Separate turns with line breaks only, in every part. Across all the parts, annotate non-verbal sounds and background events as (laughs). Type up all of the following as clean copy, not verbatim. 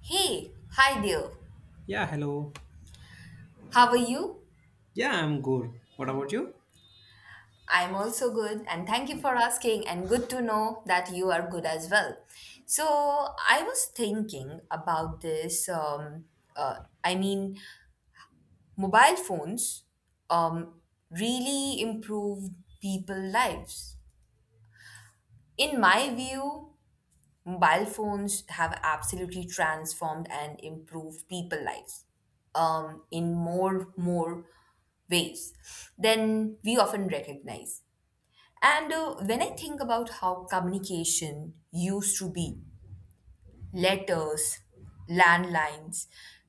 Hey, hi there.
Yeah, hello.
How are you?
Yeah, I'm good. What about you?
I'm also good, and thank you for asking, and good to know that you are good as well. So, I was thinking about this. Uh, I mean, mobile phones um, really improve people's lives. In my view, mobile phones have absolutely transformed and improved people lives, in more ways than we often recognize. And When I think about how communication used to be letters, landlines,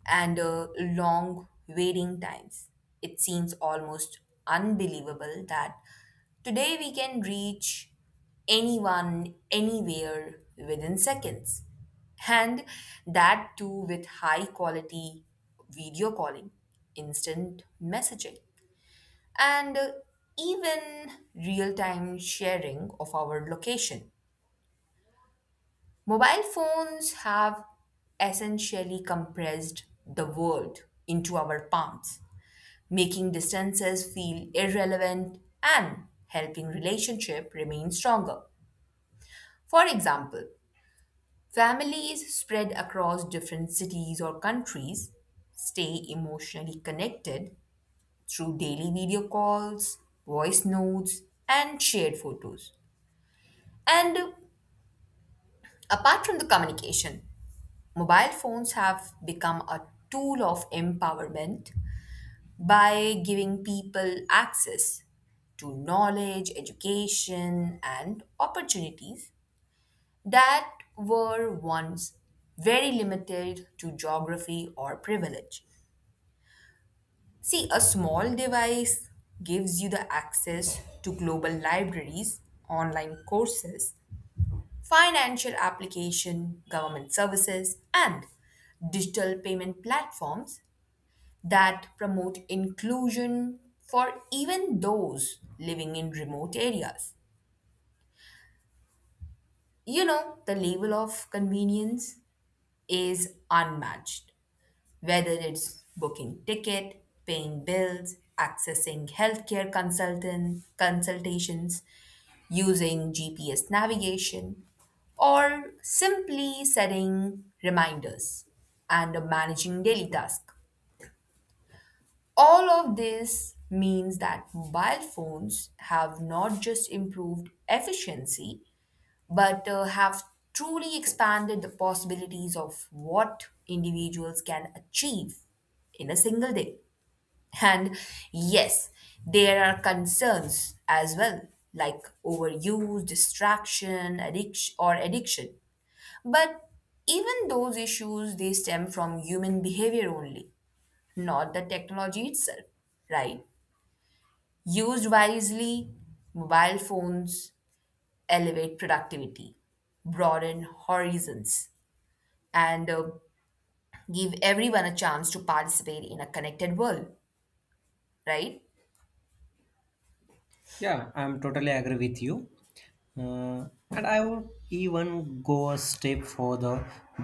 and long waiting times, it seems almost unbelievable that today we can reach anyone, anywhere within seconds. And that too with high quality video calling, instant messaging, and even real time sharing of our location. Mobile phones have essentially compressed the world into our palms, making distances feel irrelevant and helping relationship remain stronger. For example, families spread across different cities or countries stay emotionally connected through daily video calls, voice notes, and shared photos. And apart from the communication, mobile phones have become a tool of empowerment by giving people access to knowledge, education, and opportunities that were once very limited to geography or privilege. See, a small device gives you the access to global libraries, online courses, financial application, government services, and digital payment platforms that promote inclusion for even those living in remote areas. You know, the level of convenience is unmatched, whether it's booking ticket, paying bills, accessing healthcare consultant consultations, using GPS navigation, or simply setting reminders and managing daily tasks. All of this means that mobile phones have not just improved efficiency, but have truly expanded the possibilities of what individuals can achieve in a single day. (laughs) And yes, there are concerns as well, like overuse, distraction, addiction. But even those issues, they stem from human behavior only, not the technology itself, right? Used wisely, mobile phones elevate productivity, broaden horizons, and give everyone a chance to participate in a connected world, right?
Yeah, I'm totally agree with you. And I would even go a step further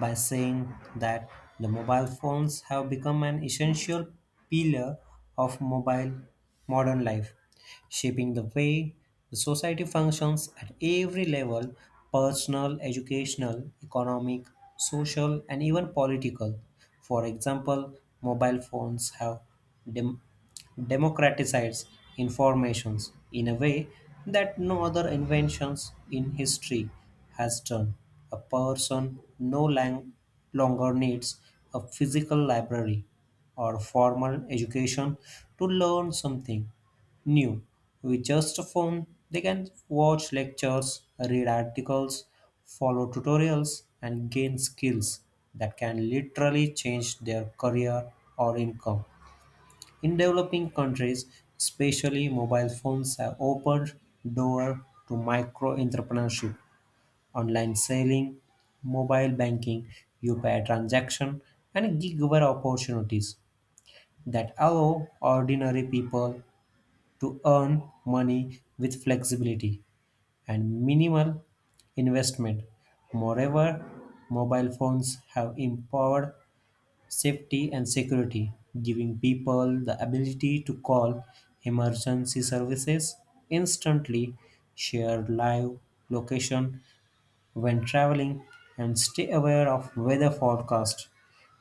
by saying that the mobile phones have become an essential pillar of mobile modern life, shaping the way the society functions at every level personal, educational, economic, social, and even political. For example, mobile phones have dem- democratizes informations in a way that no other inventions in history has done. A person no lang- longer needs a physical library or formal education to learn something new. With just a phone, they can watch lectures, read articles, follow tutorials, and gain skills that can literally change their career or income. In developing countries, especially mobile phones have opened door to micro entrepreneurship, online selling, mobile banking, UPI transaction, and gigware opportunities that allow ordinary people to earn money with flexibility and minimal investment. Moreover, mobile phones have empowered safety and security, giving people the ability to call emergency services instantly, share live location when traveling, and stay aware of weather forecast,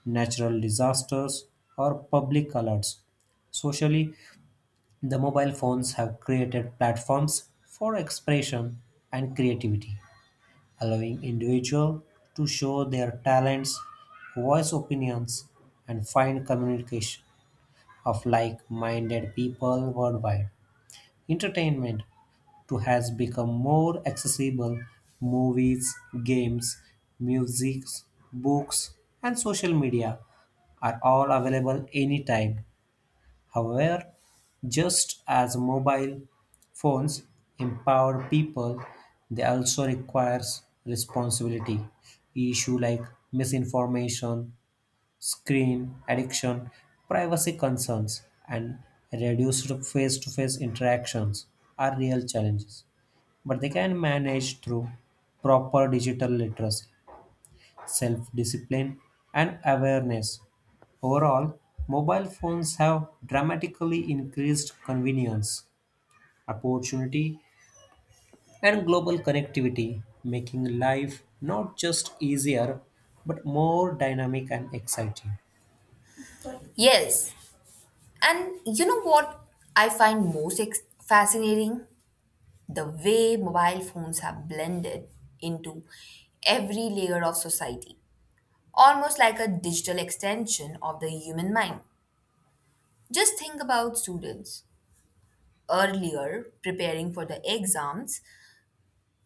natural disasters, or public alerts. Socially, the mobile phones have created platforms for expression and creativity allowing individuals to show their talents, voice opinions, and find communication of like-minded people worldwide. Entertainment too has become more accessible. Movies, games, music, books, and social media are all available anytime. However, just as mobile phones empower people, they also requires responsibility. Issue like misinformation, screen addiction, privacy concerns, and reduced face-to-face interactions are real challenges, but they can manage through proper digital literacy self discipline, and awareness. Overall, mobile phones have dramatically increased convenience, opportunity, and global connectivity, making life not just easier but more dynamic and exciting.
Yes. And you know what I find most fascinating? The way mobile phones have blended into every layer of society, almost like a digital extension of the human mind. Just think about students earlier, preparing for the exams,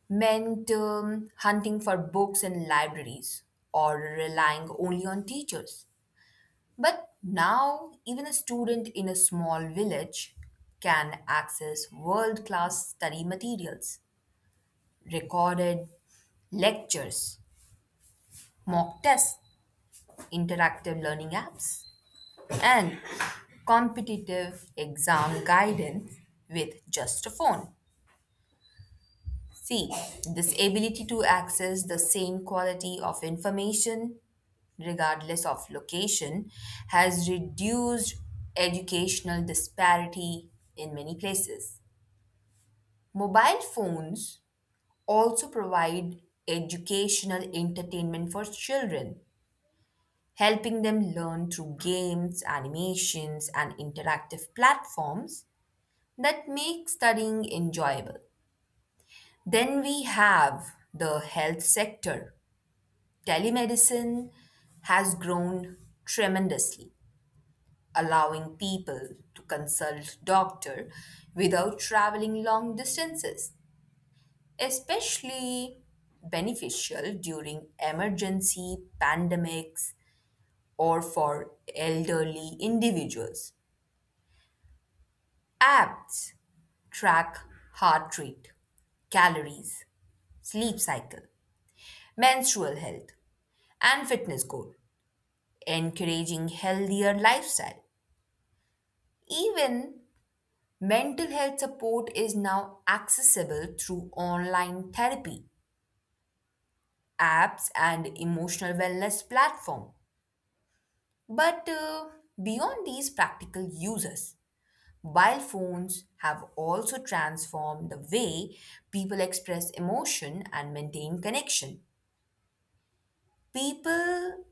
meant hunting for books in libraries or relying only on teachers. But now, even a student in a small village can access world class study materials, recorded lectures, mock tests, interactive learning apps, and competitive exam guidance with just a phone. See, this ability to access the same quality of information, regardless of location, has reduced educational disparity in many places. Mobile phones also provide educational entertainment for children, helping them learn through games, animations, and interactive platforms that make studying enjoyable. Then we have the health sector. Telemedicine has grown tremendously, allowing people to consult doctor without traveling long distances, especially beneficial during emergency pandemics or for elderly individuals. Apps track heart rate, calories, sleep cycle, menstrual health, and fitness goal, encouraging healthier lifestyle. Even mental health support is now accessible through online therapy, apps, and emotional wellness platform. But Beyond these practical uses, mobile phones have also transformed the way people express emotion and maintain connection. People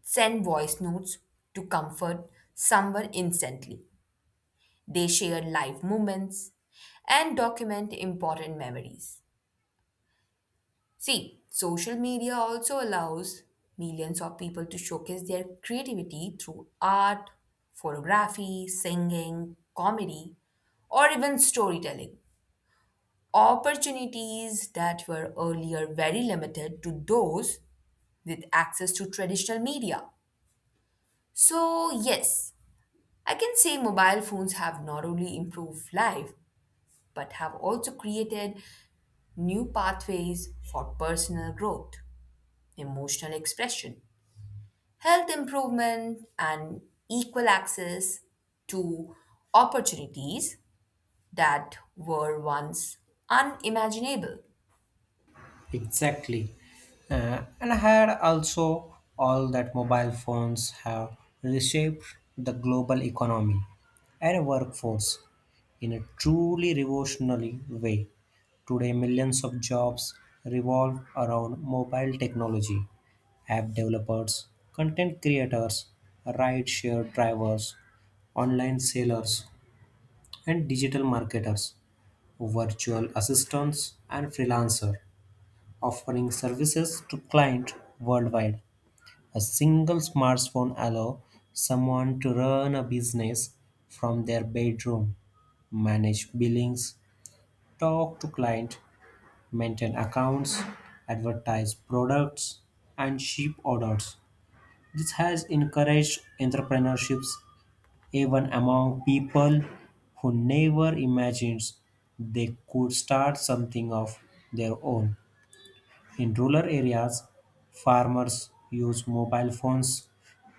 send voice notes to comfort someone instantly. They share life moments and document important memories. See, social media also allows millions of people to showcase their creativity through art, photography, singing, comedy, or even storytelling. Opportunities that were earlier very limited to those with access to traditional media. So, yes, I can say mobile phones have not only improved life but have also created new pathways for personal growth, emotional expression, health improvement, and equal access to opportunities that were once unimaginable.
Exactly. And I had also all that mobile phones have reshaped the global economy and workforce in a truly revolutionary way. Today, millions of jobs revolve around mobile technology. App developers, content creators, rideshare drivers, online sellers, and digital marketers, virtual assistants, and freelancers offering services to clients worldwide. A single smartphone allows someone to run a business from their bedroom, manage billings, talk to clients, maintain accounts, advertise products, and ship orders. This has encouraged entrepreneurships even among people who never imagined they could start something of their own. In rural areas, farmers use mobile phones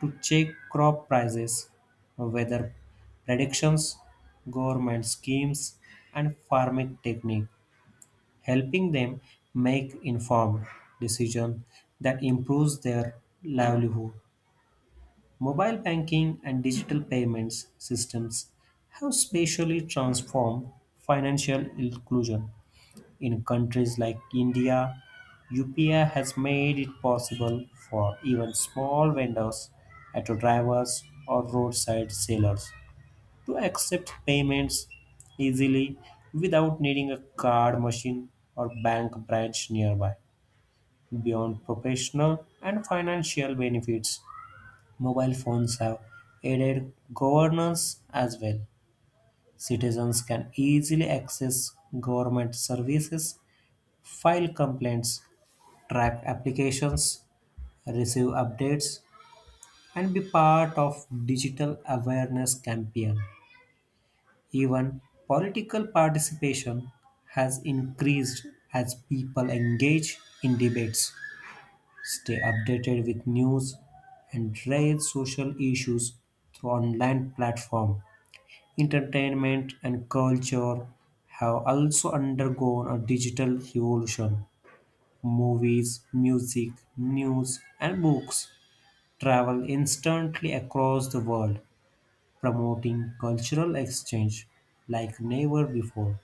to check crop prices, weather predictions, government schemes, and farming technique, helping them make informed decisions that improves their livelihood. Mobile banking and digital payments systems have spatially transformed financial inclusion in countries like India, UPI has made it possible for even small vendors, auto drivers, or roadside sellers to accept payments easily without needing a card machine or bank branch nearby. Beyond professional and financial benefits, mobile phones have aided governance as well. Citizens can easily access government services, file complaints, track applications, receive updates, and be part of digital awareness campaign. Even political participation has increased as people engage in debates, stay updated with news, and raise social issues through online platform. Entertainment and culture have also undergone a digital revolution. Movies, music, news, and books travel instantly across the world, promoting cultural exchange like never before.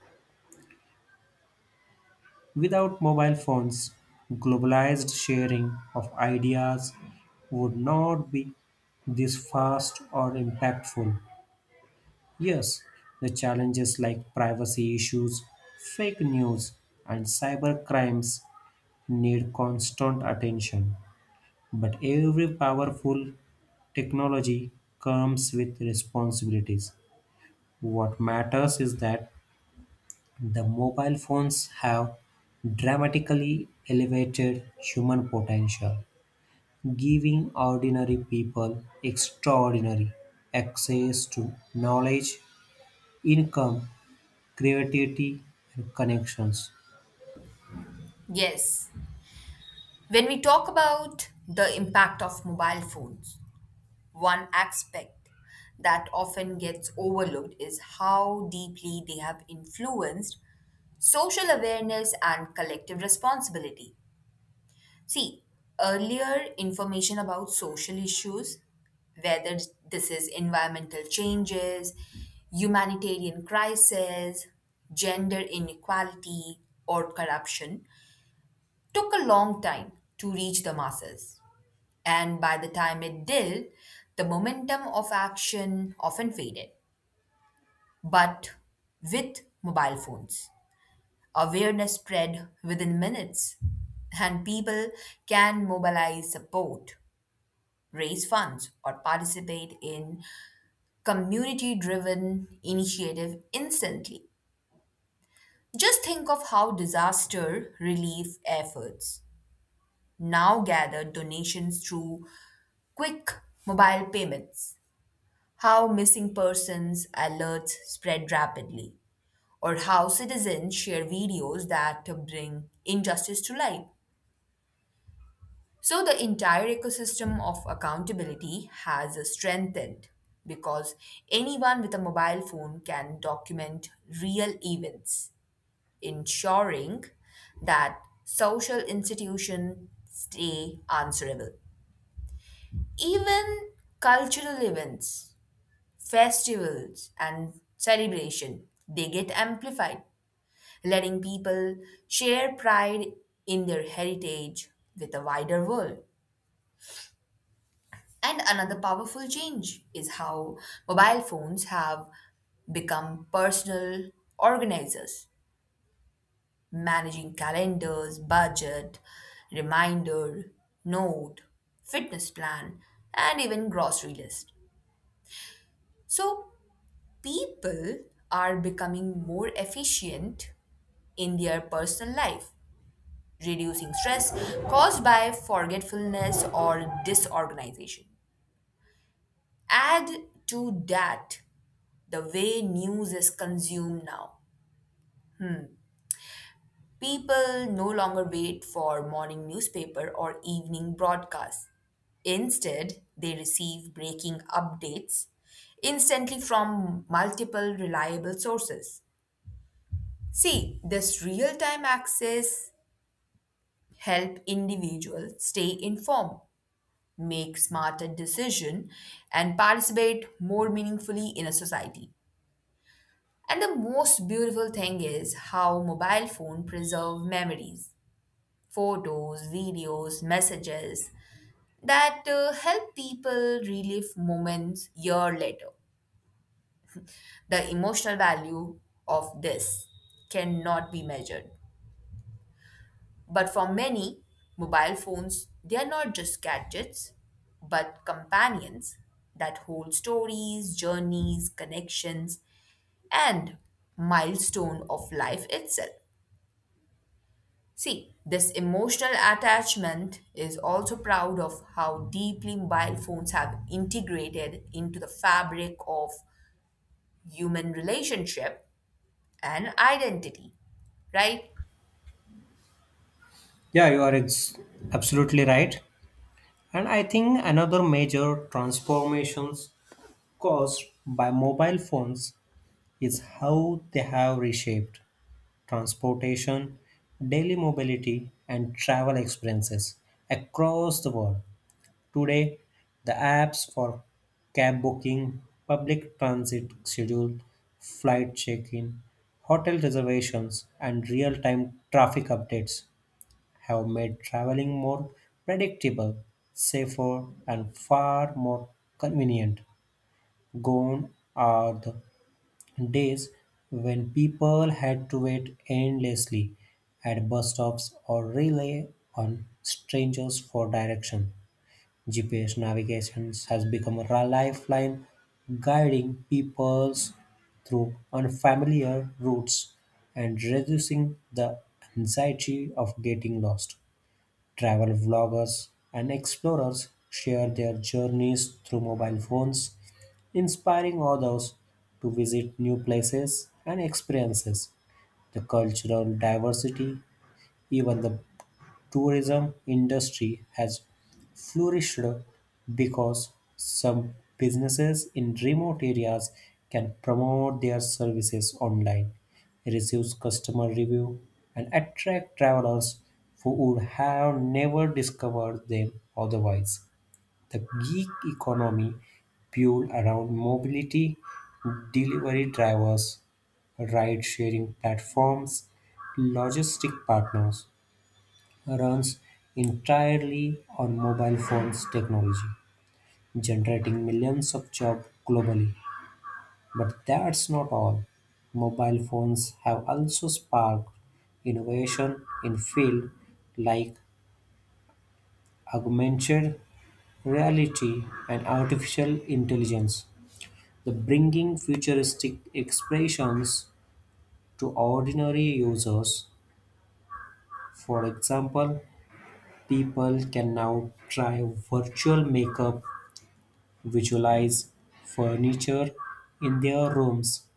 Without mobile phones, globalized sharing of ideas would not be this fast or impactful. Yes, the challenges like privacy issues, fake news, and cyber crimes need constant attention. But every powerful technology comes with responsibilities. What matters is that the mobile phones have dramatically elevated human potential, giving ordinary people extraordinary access to knowledge, income, creativity, and connections.
Yes, when we talk about the impact of mobile phones, one aspect that often gets overlooked is how deeply they have influenced social awareness and collective responsibility. See, earlier information about social issues, whether this is environmental changes, humanitarian crisis, gender inequality, or corruption, took a long time to reach the masses. And by the time it did, the momentum of action often faded. But with mobile phones, awareness spread within minutes, and people can mobilize support, raise funds, or participate in community driven initiative instantly. Just think of how disaster relief efforts now gather donations through quick mobile payments, how missing persons alerts spread rapidly, or how citizens share videos that bring injustice to light. So the entire ecosystem of accountability has strengthened because anyone with a mobile phone can document real events, ensuring that social institutions stay answerable. Even cultural events, festivals, and celebration, they get amplified, letting people share pride in their heritage with the wider world. And another powerful change is how mobile phones have become personal organizers, managing calendars, budget, reminder, note, fitness plan, and even grocery list. So, people are becoming more efficient in their personal life, reducing stress caused by forgetfulness or disorganization. Add to that the way news is consumed now. People no longer wait for morning newspaper or evening broadcasts. Instead, they receive breaking updates instantly from multiple reliable sources. See, this real-time access help individuals stay informed, make smarter decision, and participate more meaningfully in a society. And the most beautiful thing is how mobile phone preserve memories: photos, videos, messages that help people relive moments year later. The emotional value of this cannot be measured. But for many, mobile phones, they are not just gadgets, but companions that hold stories, journeys, connections, and milestone of life itself. See, this emotional attachment is also proud of how deeply mobile phones have integrated into the fabric of human relationship and identity, right?
Yeah, absolutely right. And I think another major transformations caused by mobile phones is how they have reshaped transportation, daily mobility, and travel experiences across the world. Today, the apps for cab booking, public transit schedule, flight check in, hotel reservations, and real time traffic updates have made traveling more predictable, safer, and far more convenient. Gone are the days when people had to wait endlessly at bus stops or rely on strangers for direction. GPS navigation has become a lifeline guiding peoples through unfamiliar routes and reducing the anxiety of getting lost. Travel vloggers and explorers share their journeys through mobile phones, inspiring others to visit new places and experiences. The cultural diversity, even the tourism industry has flourished because some businesses in remote areas can promote their services online, receive customer review, and attract travelers who would have never discovered them otherwise. The gig economy built around mobility, delivery drivers, ride sharing platforms, logistic partners, runs entirely on mobile phones technology, generating millions of jobs globally. But that's not all. Mobile phones have also sparked innovation in fields like augmented reality and artificial intelligence, the bringing futuristic expressions to ordinary users. For example, people can now try virtual makeup visualize furniture in their rooms,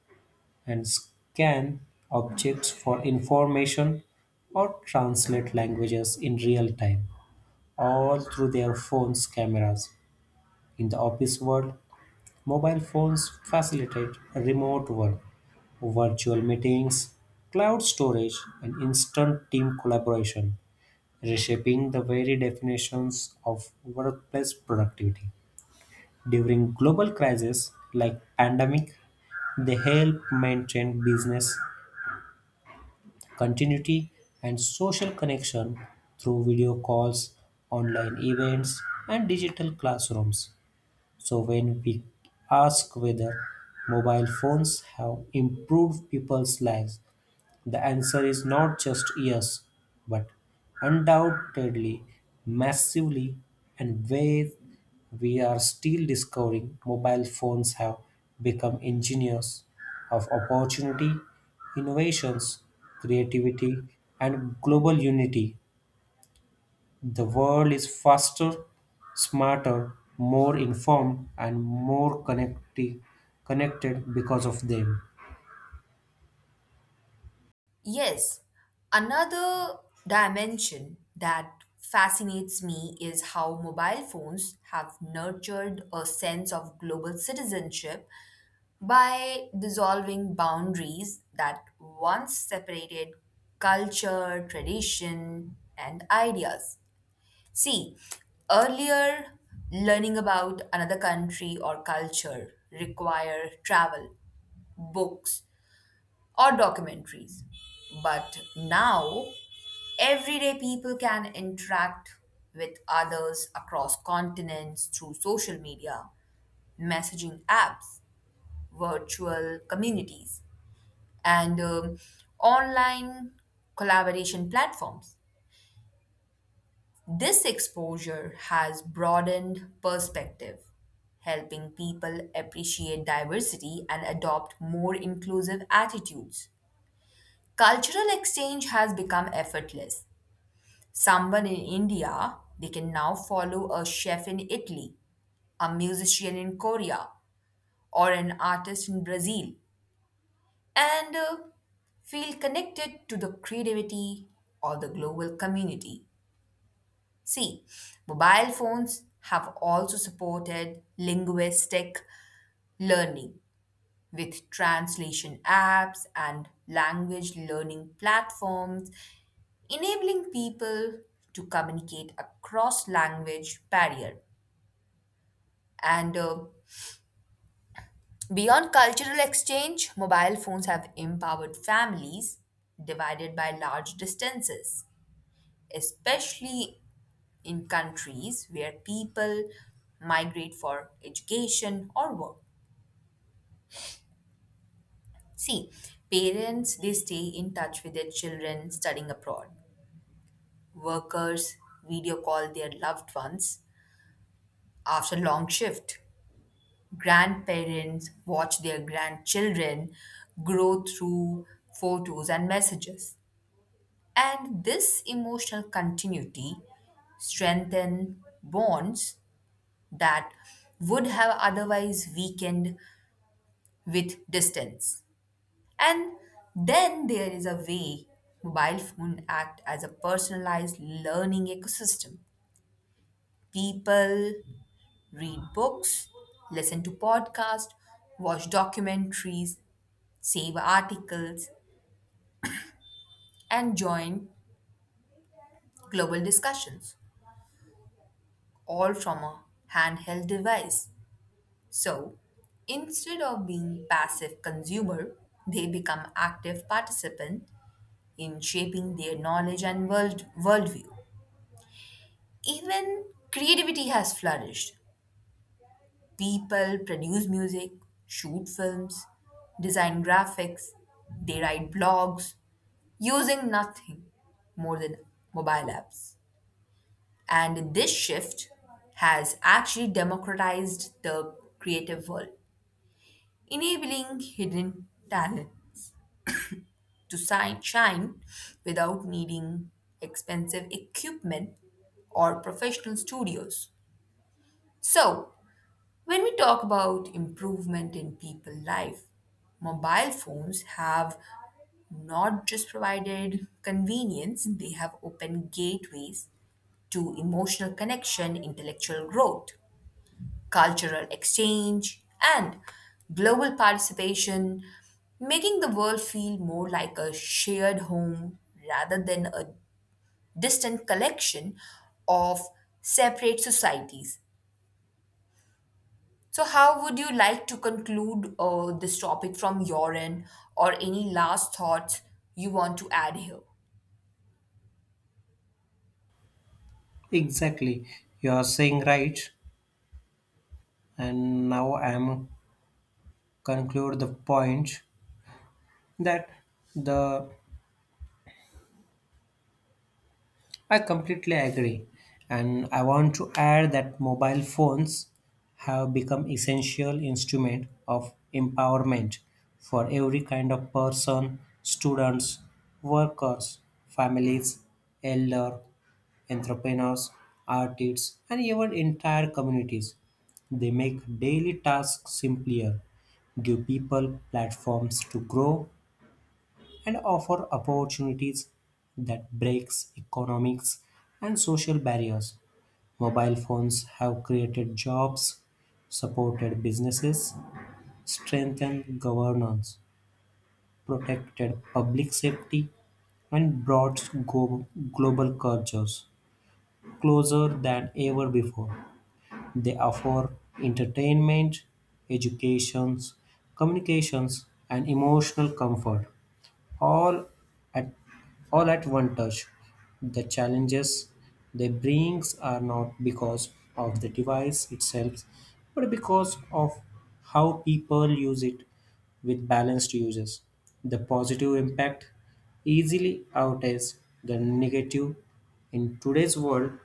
and scan objects for information or translate languages in real time, all through their phones' cameras. In the office world, mobile phones facilitate remote work, virtual meetings, cloud storage, and instant team collaboration, reshaping the very definitions of workplace productivity. During global crises like pandemic, they help maintain business continuity and social connection through video calls, online events, and digital classrooms. So when we ask whether mobile phones have improved people's lives, the answer is not just yes, but undoubtedly, massively, and where we are still discovering mobile phones have become engineers of opportunity, innovations, creativity, and global unity. The world is faster, smarter, more informed, and more connected because of them.
Yes, another dimension that fascinates me is how mobile phones have nurtured a sense of global citizenship by dissolving boundaries that once separated culture, tradition, and ideas. See, earlier, learning about another country or culture require travel, books, or documentaries. But now, everyday people can interact with others across continents through social media, messaging apps, virtual communities, and online collaboration platforms. This exposure has broadened perspective, helping people appreciate diversity and adopt more inclusive attitudes. Cultural exchange has become effortless. Someone in India, they can now follow a chef in Italy, a musician in Korea, or an artist in Brazil, and feel connected to the creativity or the global community. See, mobile phones have also supported linguistic learning with translation apps and language learning platforms, enabling people to communicate across language barrier. And Beyond cultural exchange, mobile phones have empowered families divided by large distances, especially in countries where people migrate for education or work. See, parents they stay in touch with their children studying abroad. Workers video call their loved ones after long shift. Grandparents watch their grandchildren grow through photos and messages. And this emotional continuity strengthen bonds that would have otherwise weakened with distance. And then there is a way mobile phone act as a personalized learning ecosystem. People read books, listen to podcasts, watch documentaries, save articles, and join global discussions, all from a handheld device. So, instead of being passive consumer, they become active participant in shaping their knowledge and worldview. Even creativity has flourished. People produce music, shoot films, design graphics, they write blogs using nothing more than mobile apps. And this shift has actually democratized the creative world, enabling hidden talent to shine without needing expensive equipment or professional studios. So, when we talk about improvement in people's life, mobile phones have not just provided convenience, they have opened gateways to emotional connection, intellectual growth, cultural exchange, and global participation, making the world feel more like a shared home rather than a distant collection of separate societies. So, how would you like to conclude this topic from your end, or any last thoughts you want to add here?
Exactly, you are saying right. And now I am conclude the point that the I completely agree. And I want to add that mobile phones have become essential instrument of empowerment for every kind of person, students, workers, families, elder, entrepreneurs, artists, and even entire communities. They make daily tasks simpler, give people platforms to grow, and offer opportunities that breaks economics and social barriers. Mobile phones have created jobs, supported businesses, strengthened governance, protected public safety, and brought global cultures closer than ever before. They offer entertainment, educations, communications, and emotional comfort all at all at one touch. The challenges they brings are not because of the device itself, but because of how people use it with balanced uses. The positive impact easily outweighs the negative. In today's world,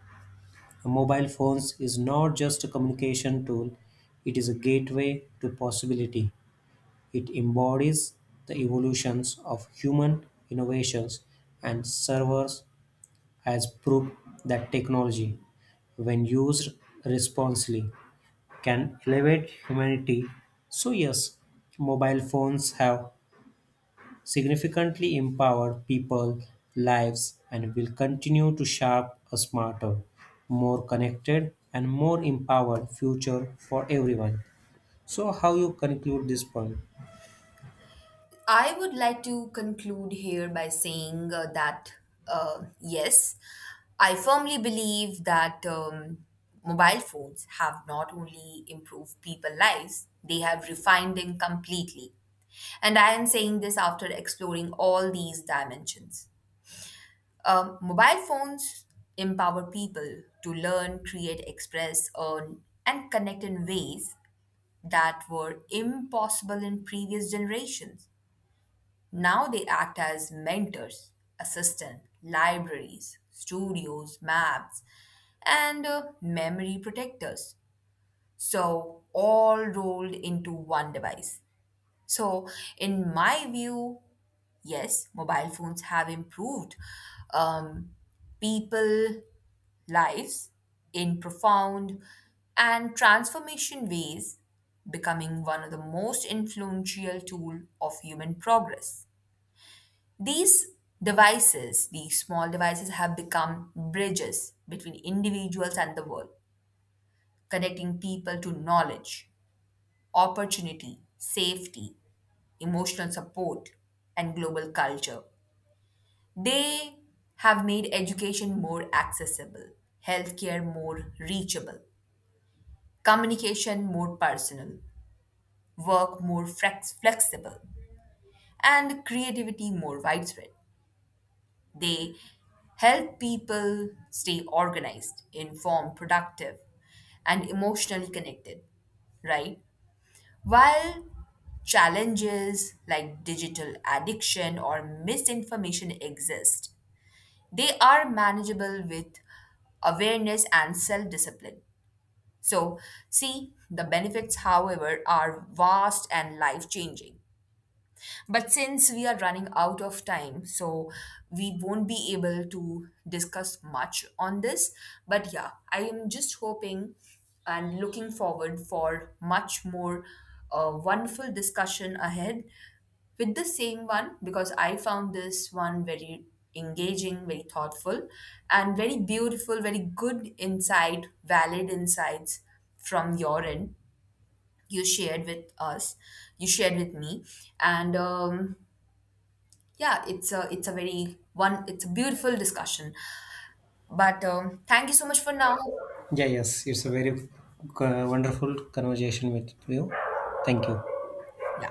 a mobile phones is not just a communication tool, it is a gateway to possibility. It embodies the evolutions of human innovations, and servers has proved that technology, when used responsibly, can elevate humanity. So, yes, mobile phones have significantly empowered people lives and will continue to shape a smarter, more connected and more empowered future for everyone. So how you conclude this point?
I would like to conclude here by saying that yes, I firmly believe that, mobile phones have not only improved people's lives, they have refined them completely. And I am saying this after exploring all these dimensions. Mobile phones empower people to learn, create, express, earn, and connect in ways that were impossible in previous generations. Now they act as mentors, assistants, libraries, studios, maps, and memory protectors. So, all rolled into one device. So, in my view, yes, mobile phones have improved, um, people lives in profound and transformation ways, becoming one of the most influential tool of human progress. These devices, these small devices have become bridges between individuals and the world, connecting people to knowledge, opportunity, safety, emotional support, and global culture. They have made education more accessible, healthcare more reachable, communication more personal, work more flexible, and creativity more widespread. They help people stay organized, informed, productive, and emotionally connected, right? While challenges like digital addiction or misinformation exist, they are manageable with awareness and self discipline. So, see, the benefits, however, are vast and life changing. But since we are running out of time, so we won't be able to discuss much on this. But yeah, I am just hoping and looking forward for much more wonderful discussion ahead with the same one because I found this one very engaging, very thoughtful, and very beautiful, very good insight, valid insights from your end. You shared with us, you shared with me, and yeah, it's a very one it's a beautiful discussion. But thank you so much for now.
Yeah, yes, it's a very wonderful conversation with you. Thank you.
Yeah.